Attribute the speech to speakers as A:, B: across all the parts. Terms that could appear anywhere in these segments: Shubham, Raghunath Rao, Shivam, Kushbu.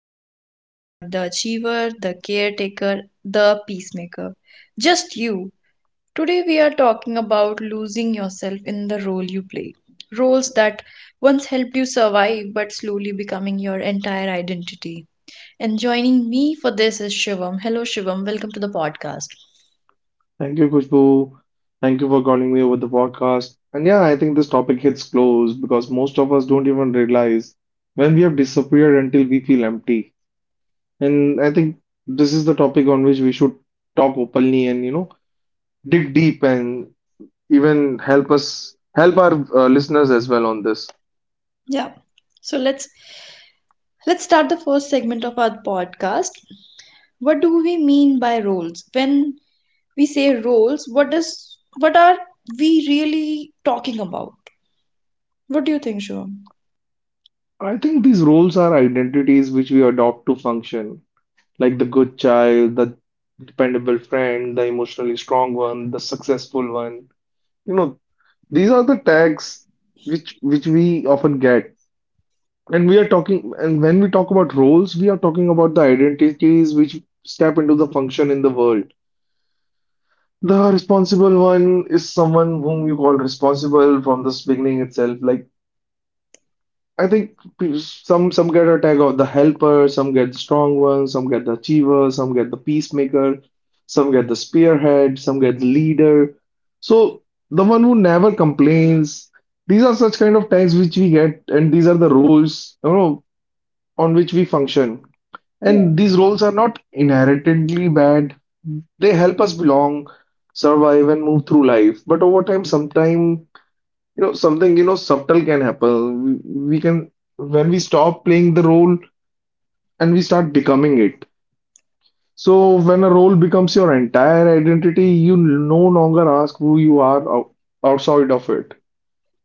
A: the strong one, not the achiever, the caretaker, the peacemaker. Just you. Today, we are talking about losing yourself in the role you play. Roles that once helped you survive but slowly becoming your entire identity, and joining me for this is Shivam. Hello, Shivam. Welcome to the podcast.
B: Thank you, Kushbu. Thank you for calling me over the podcast. And yeah, I think this topic hits close because most of us don't even realize when we have disappeared until we feel empty. And I think this is the topic on which we should talk openly and dig deep and even help us help our listeners as well on this.
A: Yeah. So let's start the first segment of our podcast. What do we mean by roles? When we say roles, what are we really talking about? What do you think, Shivam?
B: I think these roles are identities which we adopt to function, like the good child, the dependable friend, the emotionally strong one, the successful one you know These are the tags which we often get. And we are talking, and when we talk about roles, we are talking about the identities which step into the function in the world. The responsible one is someone whom you call responsible from this beginning itself. Like I think some get a tag of the helper, some get the strong one, some get the achiever, some get the peacemaker, some get the spearhead, some get the leader. So the one who never complains. These are such kind of tags which we get, and these are the roles, on which we function.
A: Yeah.
B: And these roles are not inherently bad. They help us belong, survive, and move through life. But over time, sometimes something subtle can happen. We can when we stop playing the role and we start becoming it. So when a role becomes your entire identity, you no longer ask who you are outside of it.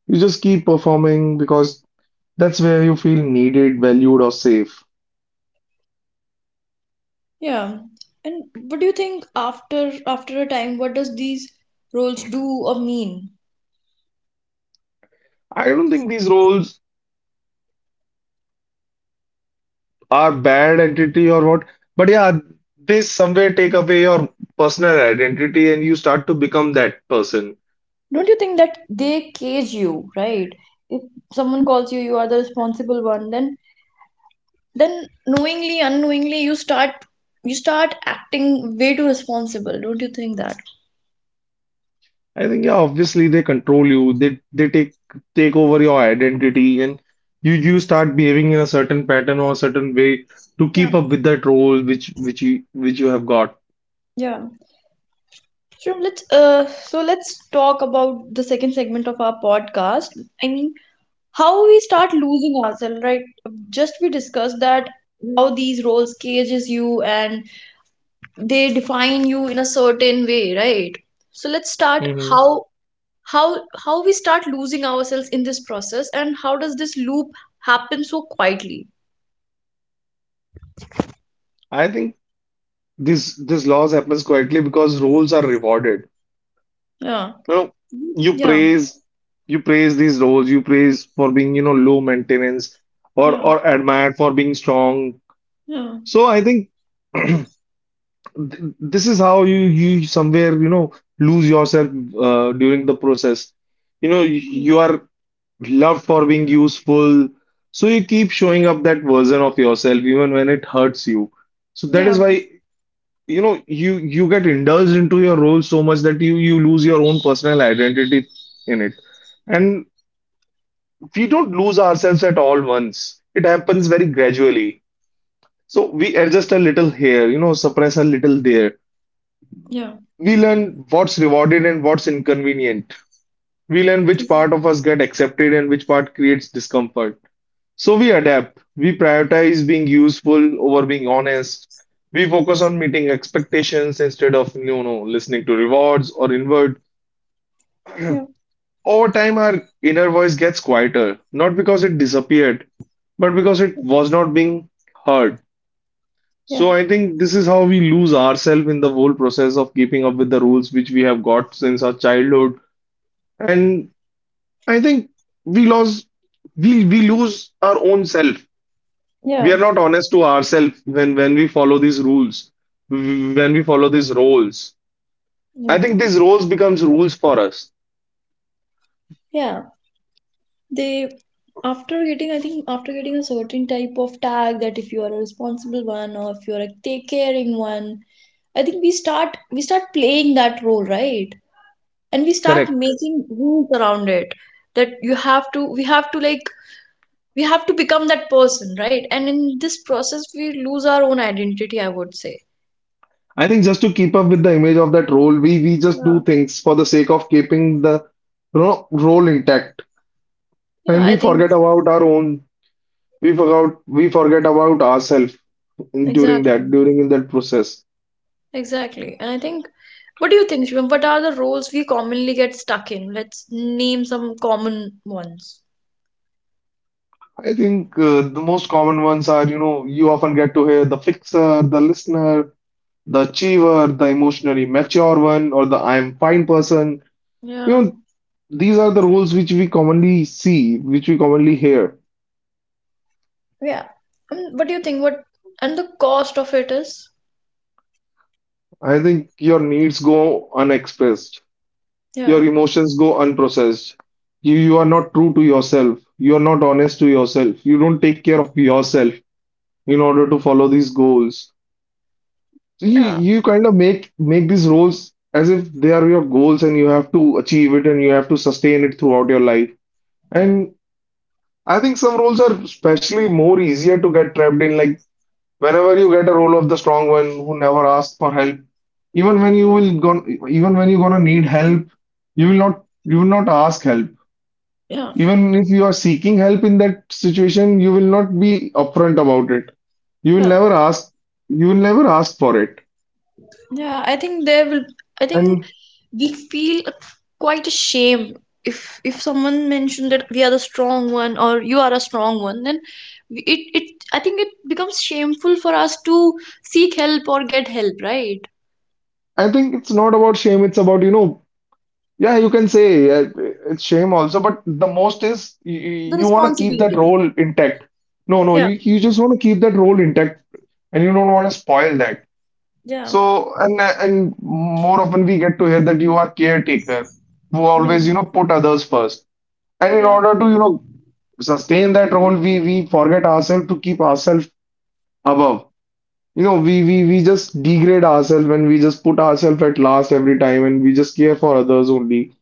B: You just keep performing because that's where you feel needed, valued, or safe.
A: Yeah. And what do you think, after a time, what does these roles do or mean?
B: I don't think these roles are bad entity or what, but yeah, they somewhere take away your personal identity, and you start to become that person.
A: Don't you think that they cage you, right? If someone calls you, you are the responsible one, then knowingly unknowingly you start acting way too responsible, don't you think that?
B: I think yeah, obviously they control you. They take over your identity, and you start behaving in a certain pattern or a certain way to
A: Yeah.
B: keep up with that role which you have got.
A: Yeah. So let's talk about the second segment of our podcast. I mean, how we start losing ourselves, right? Just we discussed that how these roles cages you and they define you in a certain way, right? So let's start
B: Hmm.
A: how, how how we start losing ourselves in this process, and how does this loop happen so quietly?
B: I think this loss happens quietly because roles are rewarded.
A: Yeah.
B: You know, you
A: Yeah,
B: praise you praise these roles, you praise for being, low maintenance or
A: yeah,
B: or admired for being strong.
A: yeah.
B: So I think this is how you somewhere lose yourself during the process. you know you,
A: Mm,
B: you are loved for being useful, so you keep showing up that version of yourself even when it hurts you. So that is
A: yeah,
B: why you get indulged into your role so much that you lose your own personal identity in it. And we don't lose ourselves at all. Once it happens very gradually, so we adjust a little here, suppress a little there.
A: yeah,
B: We learn what's rewarded and what's inconvenient. We learn which part of
A: exactly.
B: us get accepted and which part creates discomfort. So we adapt. We prioritize being useful over being honest. We focus on meeting expectations instead of, listening to rewards or inward.
A: Yeah,
B: Over time, our inner voice gets quieter, not because it disappeared, but because it was not being heard.
A: yeah,
B: So I think this is how we lose ourselves in the whole process of keeping up with the rules which we have got since our childhood. And I think we lose we lose our own self. We
A: yeah,
B: are not honest to ourselves when we follow these rules, when we follow these roles.
A: yeah,
B: I think these roles becomes rules for us.
A: yeah. They, after getting, I think, after getting a certain type of tag that if you are a responsible one or if you are a take caring one, I think we start playing that role, right? And we start
B: Correct.
A: making rules around it, that you have to, we have to, like, we have to become that person, right? And in this process, we lose our own identity, I would say.
B: I think just to keep up with the image of that role, we just do
A: Yeah,
B: things for the sake of keeping the role intact,
A: yeah,
B: and we
A: I think.
B: forget about our own. We forget about ourselves during that
A: Exactly,
B: during in that process.
A: exactly. And I think, what do you think, Shivam? What are the roles we commonly get stuck in? Let's name some common ones.
B: I think the most common ones are, you often get to hear the fixer, the listener, the achiever, the emotionally mature one, or the I am fine person. You
A: Yeah,
B: know, these are the roles which we commonly see, which we commonly hear.
A: yeah. And what do you think? What and the cost of it is?
B: I think your needs go unexpressed,
A: Yeah,
B: your emotions go unprocessed. You are not true to yourself, you are not honest to yourself, you don't take care of yourself in order to follow these goals. So you
A: yeah,
B: you kind of make these roles as if they are your goals, and you have to achieve it and you have to sustain it throughout your life.
A: yeah,
B: And I think some roles are especially more easier to get trapped in. Like whenever you get a role of the strong one who never asks for help, even when you will gon even when you're gonna need help, you will not ask help.
A: yeah.
B: Even if you are seeking help in that situation, you will not be upfront about it. You will never ask you will never ask for it.
A: Yeah, I think there will. I think
B: And
A: we feel quite ashamed if someone mentioned that we are the strong one or you are a strong one. Then it, I think it becomes shameful for us to seek help or get help, right?
B: I think it's not about shame. It's about, yeah, you can say it's shame also, but the most is you,
A: The
B: you want to keep that
A: responsibility.
B: role intact. No, no,
A: Yeah.
B: you just want to keep that role intact, and you don't want to spoil that.
A: Yeah,
B: So, and more often we get to hear that you are caretaker who
A: yeah,
B: always, put others first. And in
A: yeah,
B: order to, sustain that role, we forget ourselves to keep ourselves above. We just degrade ourselves, and we just put ourselves at last every time, and we just care for others only.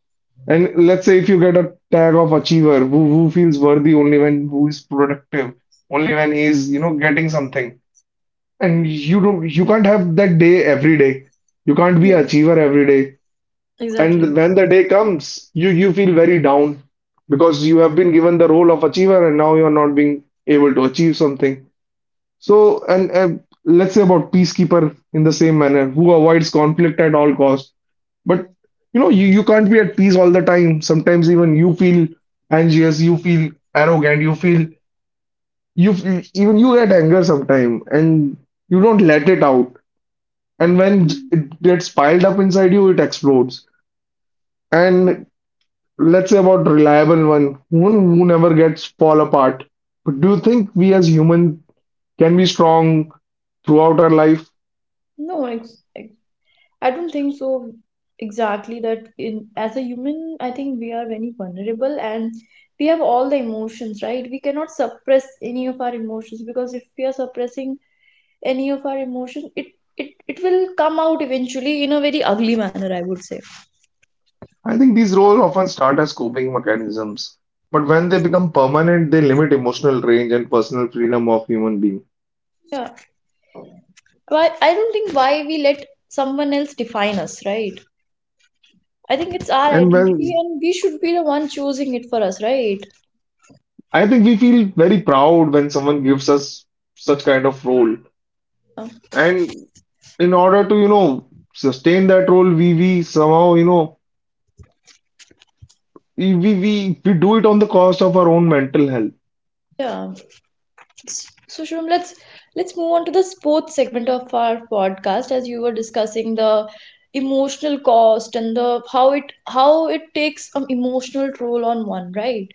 B: And let's say if you get a tag of achiever, who feels worthy only when who is productive, only when he is, getting something. And you can't have that day every day. You can't be
A: yeah.
B: achiever every day. And
A: Exactly.
B: when the day comes, you feel very down because you have been given the role of achiever and now you're not being able to achieve something. So, and let's say about peacekeeper in the same manner, who avoids conflict at all costs. But you can't be at peace all the time. Sometimes even you feel anxious, you feel arrogant, even you get anger sometime, and you don't let it out. And when
A: Mm.
B: it gets piled up inside you, it explodes. And let's say about reliable one, who never gets fall apart. But do you think we as human can be strong throughout our life?
A: No, ex I don't think so, exactly that, in as a human, I think we are very vulnerable and we have all the emotions, right? We cannot suppress any of our emotions, because if we are suppressing any of our emotion, it will come out eventually in a very ugly manner, I would say.
B: I think these roles often start as coping mechanisms, but when they become permanent, they limit emotional range and personal freedom of human being.
A: Yeah. Why, I don't think, why we let someone else define us, right? I think it's our
B: And
A: identity
B: when
A: and we should be the one choosing it for us, right?
B: I think we feel very proud when someone gives us such kind of role.
A: Um.
B: And in order to, sustain that role, we somehow, we do it on the cost of our own mental health.
A: Yeah. So Shubham, let's move on to the sports segment of our podcast, as you were discussing the emotional cost and the, how it takes an emotional toll on one, right?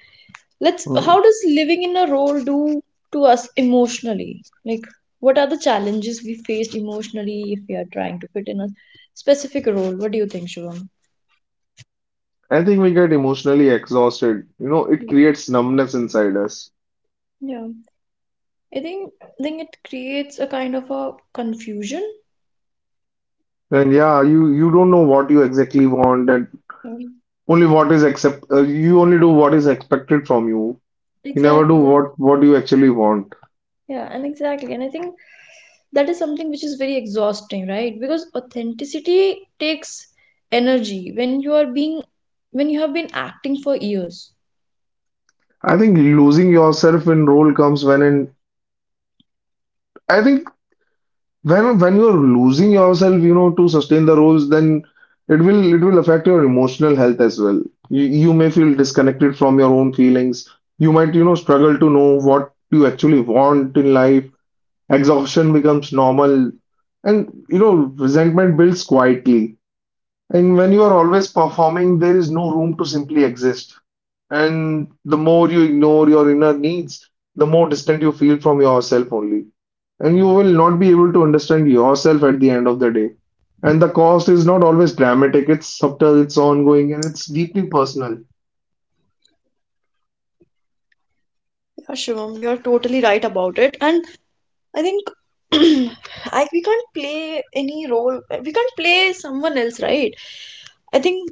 A: Let's, how
B: Hmm.
A: does living in a role do to us emotionally? Like, what are the challenges we faced emotionally if we are trying to fit in a specific role? What do you think, Shubham?
B: I think we get emotionally exhausted. It
A: Mm.
B: creates numbness inside us.
A: Yeah, I think it creates a kind of a confusion.
B: And yeah, you don't know what you exactly want, and
A: Mm.
B: Only what is accept you only do what is expected from you. You never do
A: Exactly.
B: what you actually want.
A: Yeah, and exactly, and I think that is something which is very exhausting, right? Because authenticity takes energy when you are being, when you have been acting for years.
B: I think losing yourself in role comes when and I think when you're losing yourself, to sustain the roles, then it will affect your emotional health as well. You may feel disconnected from your own feelings. You might, struggle to know what you actually want in life. Exhaustion becomes normal, and resentment builds quietly. And when you are always performing, there is no room to simply exist. And the more you ignore your inner needs, the more distant you feel from yourself only. And you will not be able to understand yourself at the end of the day. And the cost is not always dramatic, it's subtle, it's ongoing, and it's deeply personal.
A: Yeah, Shivam, you're totally right about it. And I think, I, we can't play any role. We can't play someone else, right? I think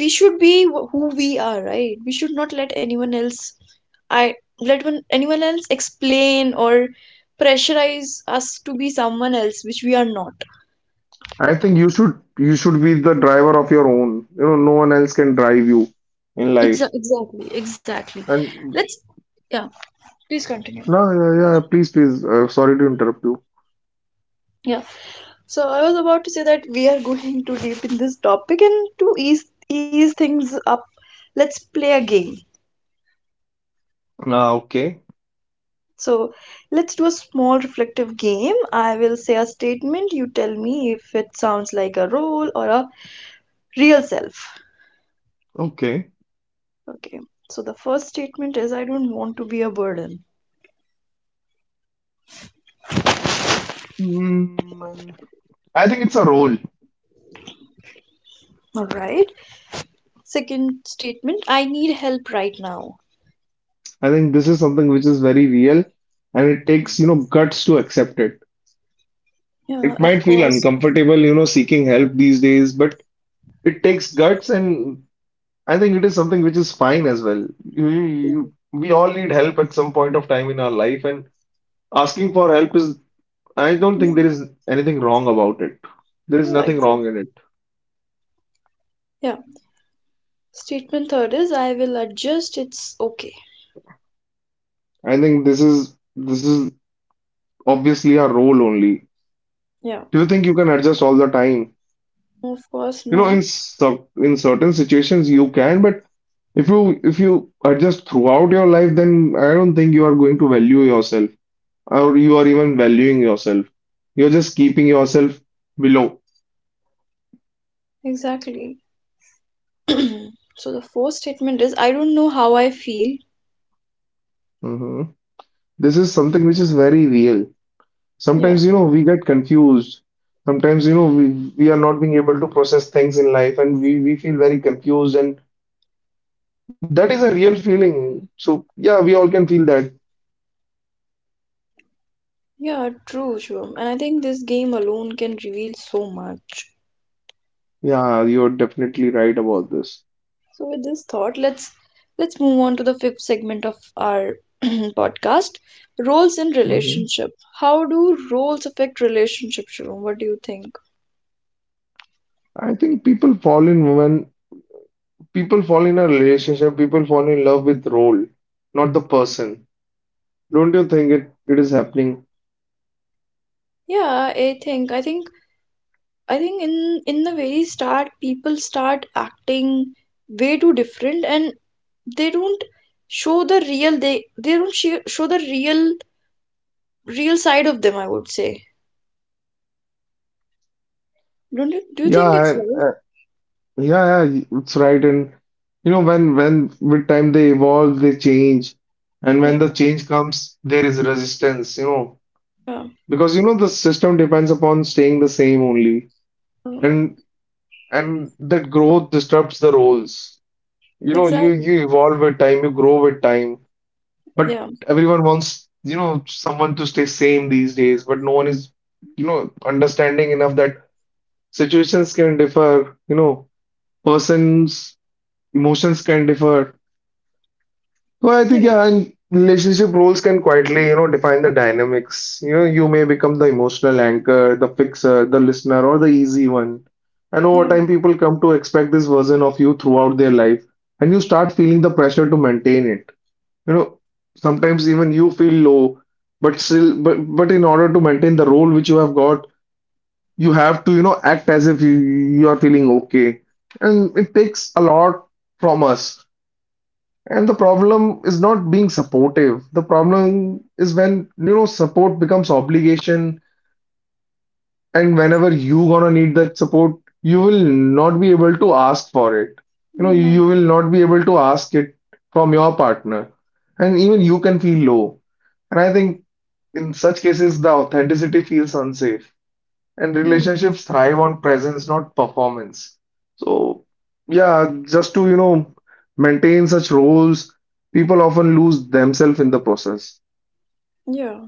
A: we should be who we are, right? We should not let anyone else, I let anyone else explain or pressurize us to be someone else which we are not.
B: I think you should be the driver of your own. No one else can drive you in life.
A: Exactly, exactly.
B: And
A: Let's, yeah, please continue.
B: no, yeah, yeah, please, please. Sorry to interrupt you.
A: Yeah. So I was about to say that we are going too deep in this topic, and to ease things up, let's play a game.
B: Ah, okay,
A: So let's do a small reflective game. I will say a statement, you tell me if it sounds like a role or a real self.
B: okay.
A: Okay. So the first statement is, I don't want to be a burden.
B: Mm, I think it's a role.
A: All right. Second statement, I need help right now.
B: I think this is something which is very real, and it takes, guts to accept it.
A: Yeah,
B: It
A: of
B: might feel
A: course.
B: uncomfortable, seeking help these days, but it takes guts, and I think it is something which is fine as well. We all need help at some point of time in our life, and asking for help is, I don't think there is anything wrong about it. There is
A: Yeah,
B: nothing wrong in
A: exactly.
B: it.
A: Yeah. Statement third is, I will adjust, it's okay.
B: I think this is obviously a role only.
A: Yeah.
B: Do you think you can adjust all the time?
A: Of course not.
B: In certain situations you can, but if you adjust throughout your life, then I don't think you are going to value yourself or you are even valuing yourself. You're just keeping yourself below.
A: Exactly. so the fourth statement is, I don't know how I feel.
B: Hmm. This is something which is very real.
A: Yeah.
B: Sometimes, we get confused. Sometimes, we are not being able to process things in life, and we feel very confused, and that is a real feeling. So yeah, we all can feel that.
A: Yeah, true, Shubham. And I think this game alone can reveal so much.
B: Yeah, you're definitely right about this.
A: So with this thought, let's move on to the fifth segment of our podcast, roles in relationship. How do roles affect relationship, Shubham? What do you think?
B: I think people fall in a relationship, people fall in love with role, not the person. Don't you think it is happening?
A: Yeah, I think in the very start, people start acting way too different, and they don't show the real, they don't show the real side of them, I would say. Don't you? Do you think
B: Yeah,
A: it's
B: and,
A: right?
B: yeah, yeah, it's right. And when with time they evolve, they change, and
A: Yeah,
B: when the change comes, there is resistance.
A: yeah,
B: Because you know the system depends upon staying the same only,
A: mm,
B: and that growth disrupts the roles. You know, you
A: exactly.
B: you evolve with time, you grow with time. But
A: Yeah,
B: everyone wants, someone to stay same these days, but no one is understanding enough that situations can differ, persons' emotions can differ. So I
A: yeah,
B: think, yeah, and relationship roles can quietly, define the dynamics. You may become the emotional anchor, the fixer, the listener, or the easy one. And over
A: yeah,
B: time, people come to expect this version of you throughout their life, and you start feeling the pressure to maintain it. You know, Sometimes even you feel low, but still, but in order to maintain the role which you have got, you have to, act as if you are feeling okay. And it takes a lot from us. And the problem is not being supportive. The problem is when, support becomes obligation, and whenever you gonna need that support, you will not be able to ask for it.
A: yeah,
B: You will not be able to ask it from your partner. And even you can feel low. And I think in such cases, the authenticity feels unsafe, and
A: yeah,
B: relationships thrive on presence, not performance. So, yeah, just to maintain such roles, people often lose themselves in the process.
A: yeah.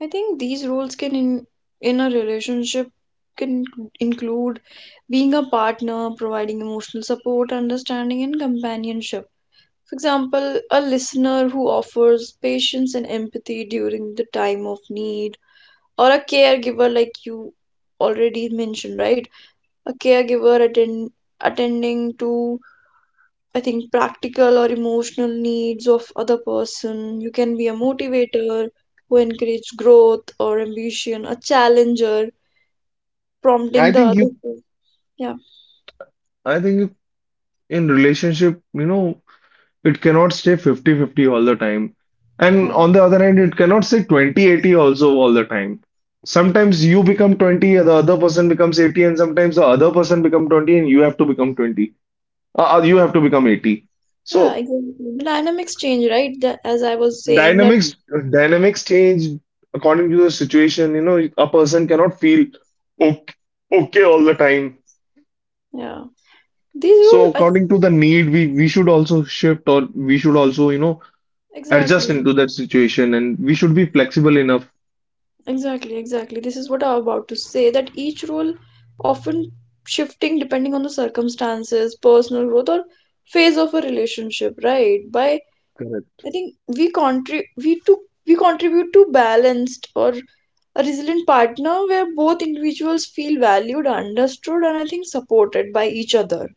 A: I think these roles can, in a relationship, can include being a partner, providing emotional support, understanding, and companionship. For example, a listener who offers patience and empathy during the time of need, or a caregiver, like you already mentioned, right? A caregiver attending to, I think, practical or emotional needs of other person. You can be a motivator who encourages growth or ambition, a challenger
B: I
A: prompting the
B: think
A: other.
B: you,
A: Yeah,
B: I think you, in relationship, it cannot stay fifty-fifty all the time. And
A: yeah,
B: on the other hand, it cannot stay 20-80 also all the time. Sometimes you become 20, the other person becomes 80, and sometimes the other person become 20 and you have to become 20. You have to become 80.
A: yeah,
B: So
A: exactly. The dynamics change, right? That, as I was saying, that,
B: dynamics dynamics change according to the situation. A person cannot feel okay, okay all the time.
A: yeah. These role,
B: So
A: I
B: according
A: think.
B: to the need, we should also shift, or we should also, adjust
A: Exactly,
B: into that situation, and we should be flexible enough.
A: exactly, exactly. This is what I'm about to say, that each role often shifting depending on the circumstances, personal growth, or phase of a relationship, right? By,
B: Correct,
A: I think we contribute to balanced or a resilient partner where both individuals feel valued, understood, and, I think, supported by each other.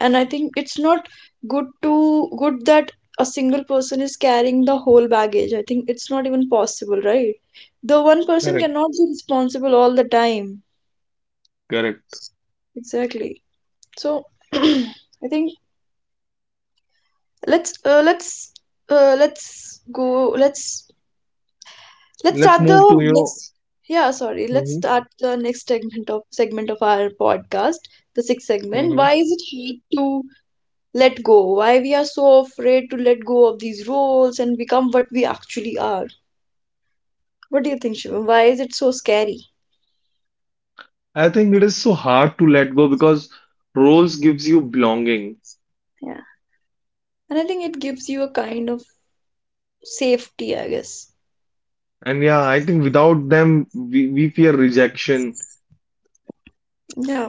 A: And I think it's not good to, good that a single person is carrying the whole baggage. I think it's not even possible, right? The one person
B: correct,
A: cannot be responsible all the time.
B: correct.
A: Exactly. So I think, let's uh, let's let's go let's let's
B: Let's
A: start
B: move
A: the
B: to,
A: next, yeah, sorry, let's
B: mhm,
A: start the next segment of segment of our podcast, the sixth segment.
B: mhm.
A: Why is it hard to let go? Why we are so afraid to let go of these roles and become what we actually are? What do you think, Shivam? Why is it so scary?
B: I think it is so hard to let go because roles gives you belonging.
A: Yeah, and I think it gives you a kind of safety, I guess.
B: And yeah, I think without them, we fear rejection.
A: Yeah,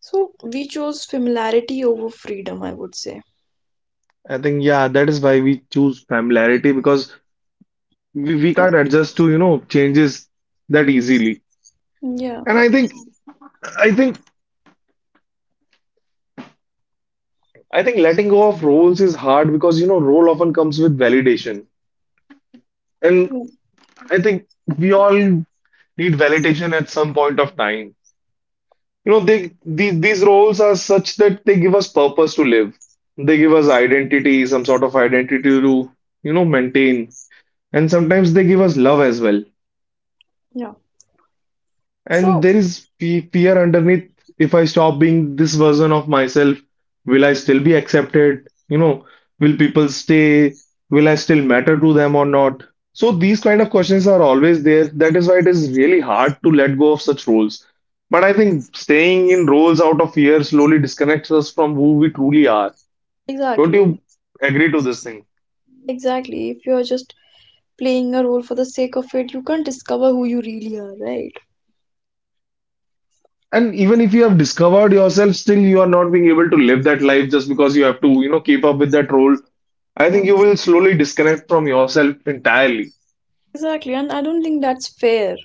A: so we chose familiarity over freedom, I would say.
B: I think yeah, that is why we choose familiarity, because we
A: Yeah.
B: can't adjust to, changes that easily.
A: Yeah.
B: And I think I think letting go of roles is hard because you know role often comes with validation. And
A: Yeah,
B: I think we all need validation at some point of time. You know, they these roles are such that they give us purpose to live. They give us identity, some sort of identity to, maintain. And sometimes they give us love as well.
A: yeah.
B: And
A: So
B: there is fear underneath. If I stop being this version of myself, will I still be accepted? Will people stay? Will I still matter to them or not? So these kind of questions are always there. That is why it is really hard to let go of such roles. But I think staying in roles out of fear slowly disconnects us from who we truly are. Don't
A: exactly,
B: you agree to this thing?
A: exactly. If you're just playing a role for the sake of it, you can't discover who you really are, right?
B: And even if you have discovered yourself, still you are not being able to live that life just because you have to, keep up with that role. I
A: Yeah.
B: think you will slowly disconnect from yourself entirely.
A: Exactly, and I don't think that's fair.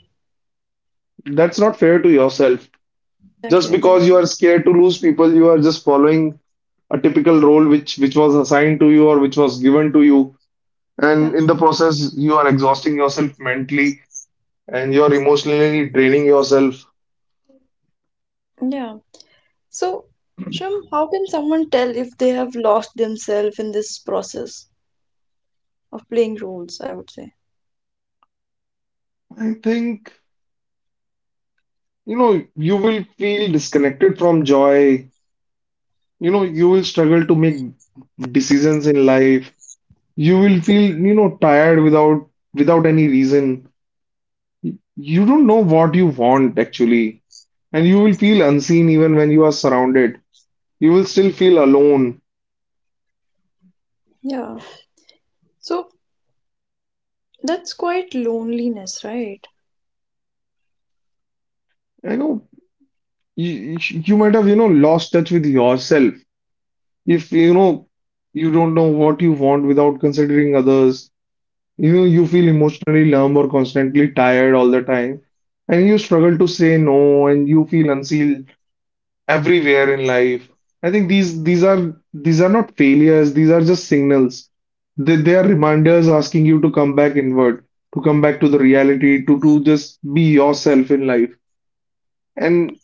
B: That's not fair to yourself. Just
A: Exactly,
B: because you
A: exactly.
B: are scared to lose people, you are just following a typical role which was assigned to you, or which was given to you.
A: Yeah.
B: And in the process, you are exhausting yourself mentally, and you are emotionally draining yourself.
A: Yeah. So, Shum, how can someone tell if they have lost themselves in this process of playing roles, I would say?
B: I think, you will feel disconnected from joy. You will struggle to make decisions in life. You will feel, tired without any reason. You don't know what you want actually, and you will feel unseen even when you are surrounded. You will still feel alone.
A: Yeah. So that's quite loneliness, right?
B: I know. You might have lost touch with yourself if you don't know what you want without considering others. You feel emotionally numb or constantly tired all the time, and you struggle to say no, and you feel unseen everywhere in life. I think these are not failures, these are just signals. They are reminders asking you to come back inward, to come back to the reality, to just be yourself in life. And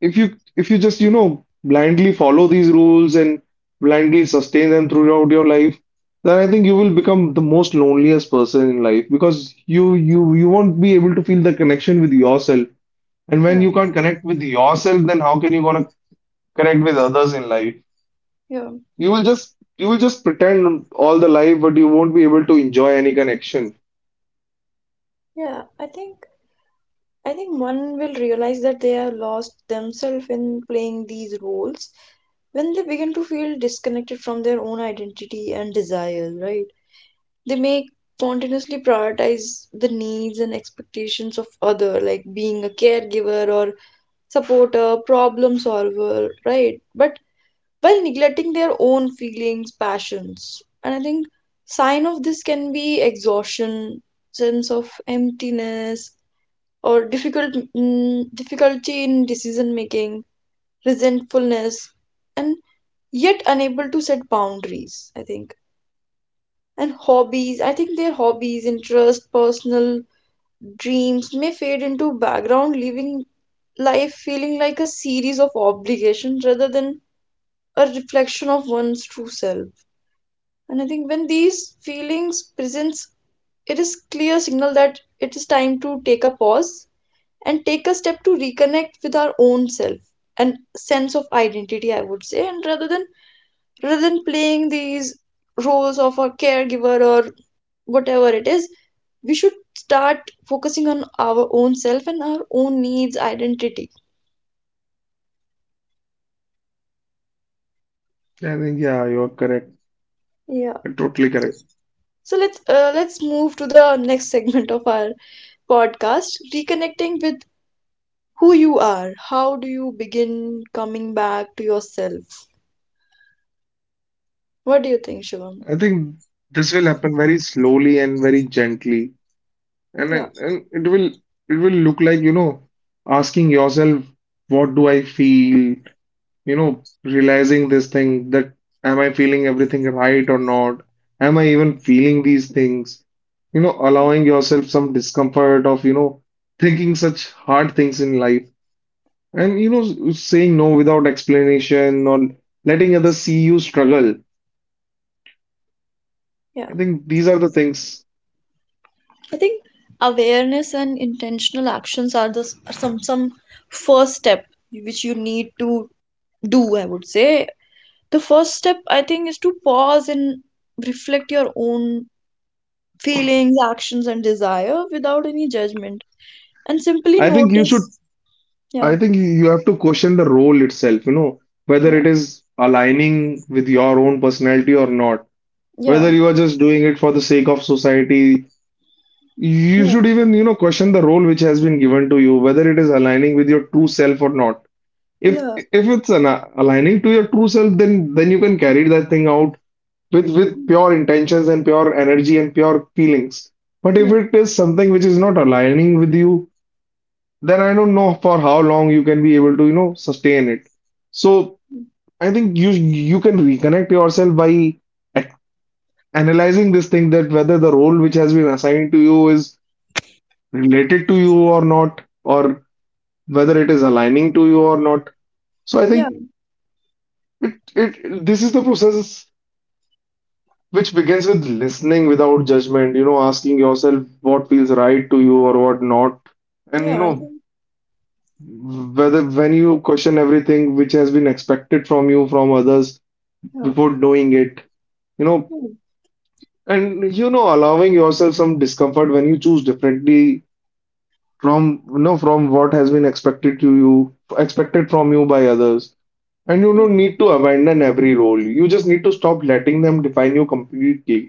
B: if you just, blindly follow these rules and blindly sustain them throughout your life, then I think you will become the most loneliest person in life, because you won't be able to feel the connection with yourself. And when
A: Yeah.
B: you can't connect with yourself, then how can you gonna connect with others in life.
A: Yeah.
B: You will just pretend all the life, but you won't be able to enjoy any connection.
A: Yeah. I think one will realize that they have lost themselves in playing these roles when they begin to feel disconnected from their own identity and desires, right? They may continuously prioritize the needs and expectations of other, like being a caregiver or supporter, problem solver, right? But while neglecting their own feelings, passions. And I think sign of this can be exhaustion, sense of emptiness, or difficulty in decision making, resentfulness, and yet unable to set boundaries, I think. And hobbies, I think their hobbies, interests, personal dreams may fade into background, leaving life feeling like a series of obligations rather than a reflection of one's true self. And I think when these feelings presents, it is clear signal that it is time to take a pause and take a step to reconnect with our own self and sense of identity, I would say, and rather than playing these roles of a caregiver or whatever it is, we should start focusing on our own self and our own needs identity.
B: I think, yeah, you're correct.
A: Yeah.
B: You're totally correct.
A: So let's move to the next segment of our podcast, reconnecting with who you are. How do you begin coming back to yourself? What do you think, Shivam?
B: I think this will happen very slowly and very gently. And,
A: Yeah,
B: and it will look like, asking yourself, what do I feel? Realizing this thing that am I feeling everything right or not? Am I even feeling these things? Allowing yourself some discomfort of, thinking such hard things in life, and, saying no without explanation, or letting others see you struggle.
A: yeah.
B: I think these are the things.
A: I think awareness and intentional actions are the, are some first step which you need to do, I would say. The first step, I think, is to pause and reflect your own feelings, actions, and desire without any judgment, and simply
B: I think you should,
A: notice. Yeah,
B: I think you have to question the role itself, whether
A: yeah,
B: it is aligning with your own personality or not, whether
A: yeah,
B: you are just doing it for the sake of society. You
A: yeah,
B: should even, question the role which has been given to you, whether it is aligning with your true self or not. If
A: yeah,
B: if it's aligning to your true self, then you can carry that thing out with pure intentions and pure energy and pure feelings. But if
A: yeah.
B: it is something which is not aligning with you, then I don't know for how long you can be able to, sustain it. So I think you can reconnect yourself by a- analyzing this thing, that whether the role which has been assigned to you is related to you or not, or whether it is aligning to you or not. So I
A: Yeah.
B: think it, it this is the process which begins with listening without judgment, asking yourself what feels right to you or what not. And
A: Yeah, I think.
B: whether when you question everything which has been expected from you from others
A: Yeah.
B: before doing it, you know,
A: Hmm.
B: allowing yourself some discomfort when you choose differently from from what has been expected to you expected from you by others. And you
A: Yeah,
B: don't need to abandon every role. You just need to stop letting them define you completely.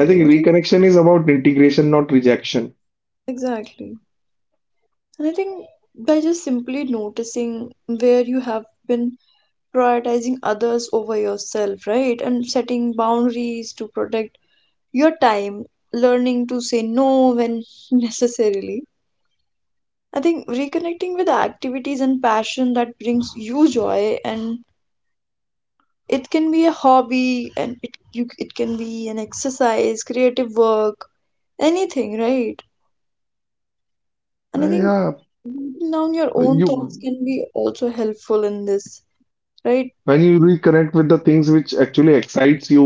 B: I think
A: I think
B: reconnection is about integration, not rejection.
A: exactly. And I think, by just simply noticing where you have been prioritizing others over yourself, right? And setting boundaries to protect your time, learning to say no when necessarily. I think reconnecting with activities and passion that brings you joy, and it can be a hobby, and it can be an exercise, creative work, anything, right? And I think
B: Yeah,
A: writing down your own thoughts
B: you
A: can be also helpful in this, right?
B: when you reconnect with the things which actually excites you.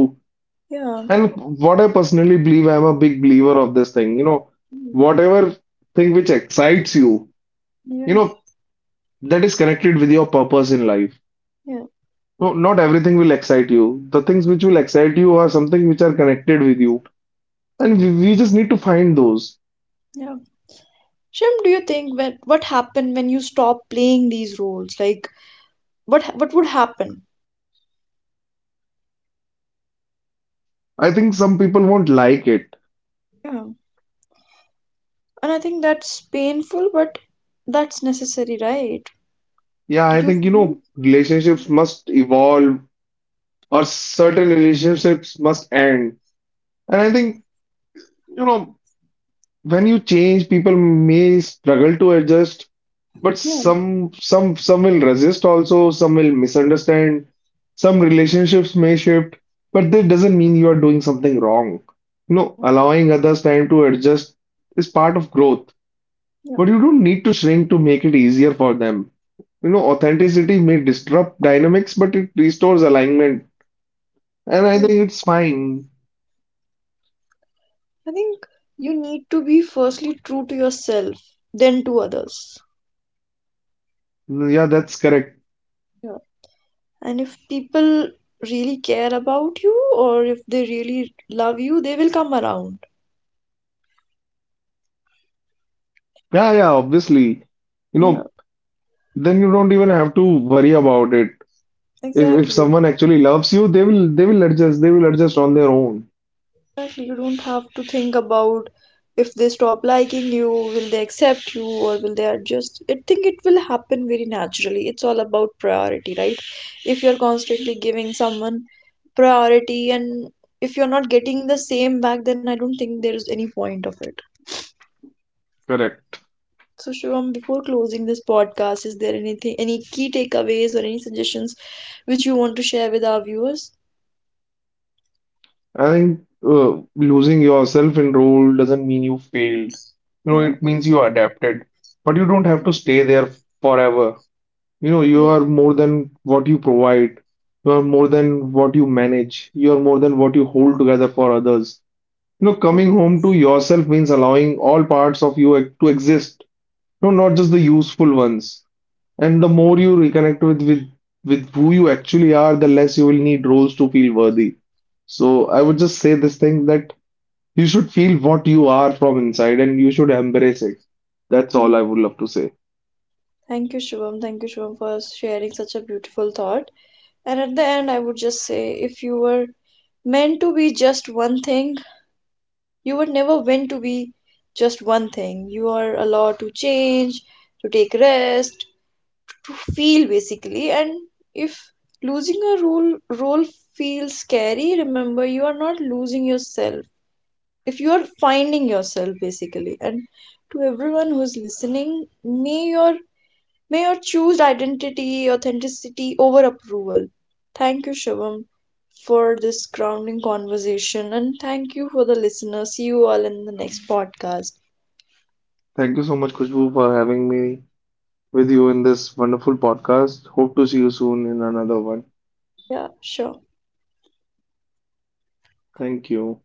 A: Yeah.
B: And what I personally believe, I'm a big believer of this thing.
A: Mm.
B: Whatever thing which excites you, you
A: Yeah.
B: know, that is connected with your purpose in life.
A: Yeah.
B: No, not everything will excite you. The things which will excite you are something which are connected with you, and we just need to find those.
A: Yeah. Shim, do you think, when, what happened when you stop playing these roles? Like what would happen?
B: I think some people won't like it.
A: Yeah. And I think that's painful, but that's necessary, right?
B: Yeah, I
A: You
B: think
A: need.
B: relationships must evolve, or certain relationships must end. And I think you know, when you change, people may struggle to adjust. But
A: Yeah,
B: some will resist also, some will misunderstand, some relationships may shift, but that doesn't mean you are doing something wrong. Allowing others time to adjust is part of growth,
A: yeah,
B: but you don't need to shrink to make it easier for them. Authenticity may disrupt dynamics, but it restores alignment, and I
A: yeah.
B: think it's fine.
A: I think you need to be firstly true to yourself, then to others.
B: Yeah, that's correct.
A: Yeah. And if people really care about you, or if they really love you, they will come around.
B: Yeah, yeah, obviously. You
A: Yeah,
B: know, then you don't even have to worry about it. If
A: exactly.
B: someone actually loves you, they will adjust. They will adjust on their own.
A: Exactly. You don't have to think about, if they stop liking you, will they accept you or will they adjust. I think it will happen very naturally. It's all about priority, right? If you're constantly giving someone priority, and if you're not getting the same back, then I don't think there is any point of it.
B: Correct.
A: So Shivam, before closing this podcast, is there anything, any key takeaways or any suggestions which you want to share with our viewers?
B: I think losing yourself in role doesn't mean you failed.
A: Yeah.
B: It means you adapted, but you don't have to stay there forever. You
A: Yeah.
B: are more than what you provide. You are more than what you manage. You are more than what you hold together for others. Coming home to yourself means allowing all parts of you to exist. Not just the useful ones. And the more you reconnect with who you actually are, the less you will need roles to feel worthy. So I would just say this thing, that you should feel what you are from inside and you should embrace it. That's all I
A: Mhm.
B: would love to say.
A: Thank you, Shivam. Thank you, Shivam, for sharing such a beautiful thought. And at the end, I would just say, if you were meant to be just one thing, you were never meant to be just one thing. You are allowed to change, to take rest, to feel basically, and if losing a role feels scary, remember you are not losing yourself, if you are finding yourself basically. And to everyone who's listening, may your may your choose identity, authenticity over approval. Thank you, Shivam, for this grounding conversation, and thank you for the listener. See you all in the next podcast.
B: Thank you so much, Kushbu, for having me with you in this wonderful podcast. Hope to see you soon in another one.
A: Yeah. Sure.
B: Thank you.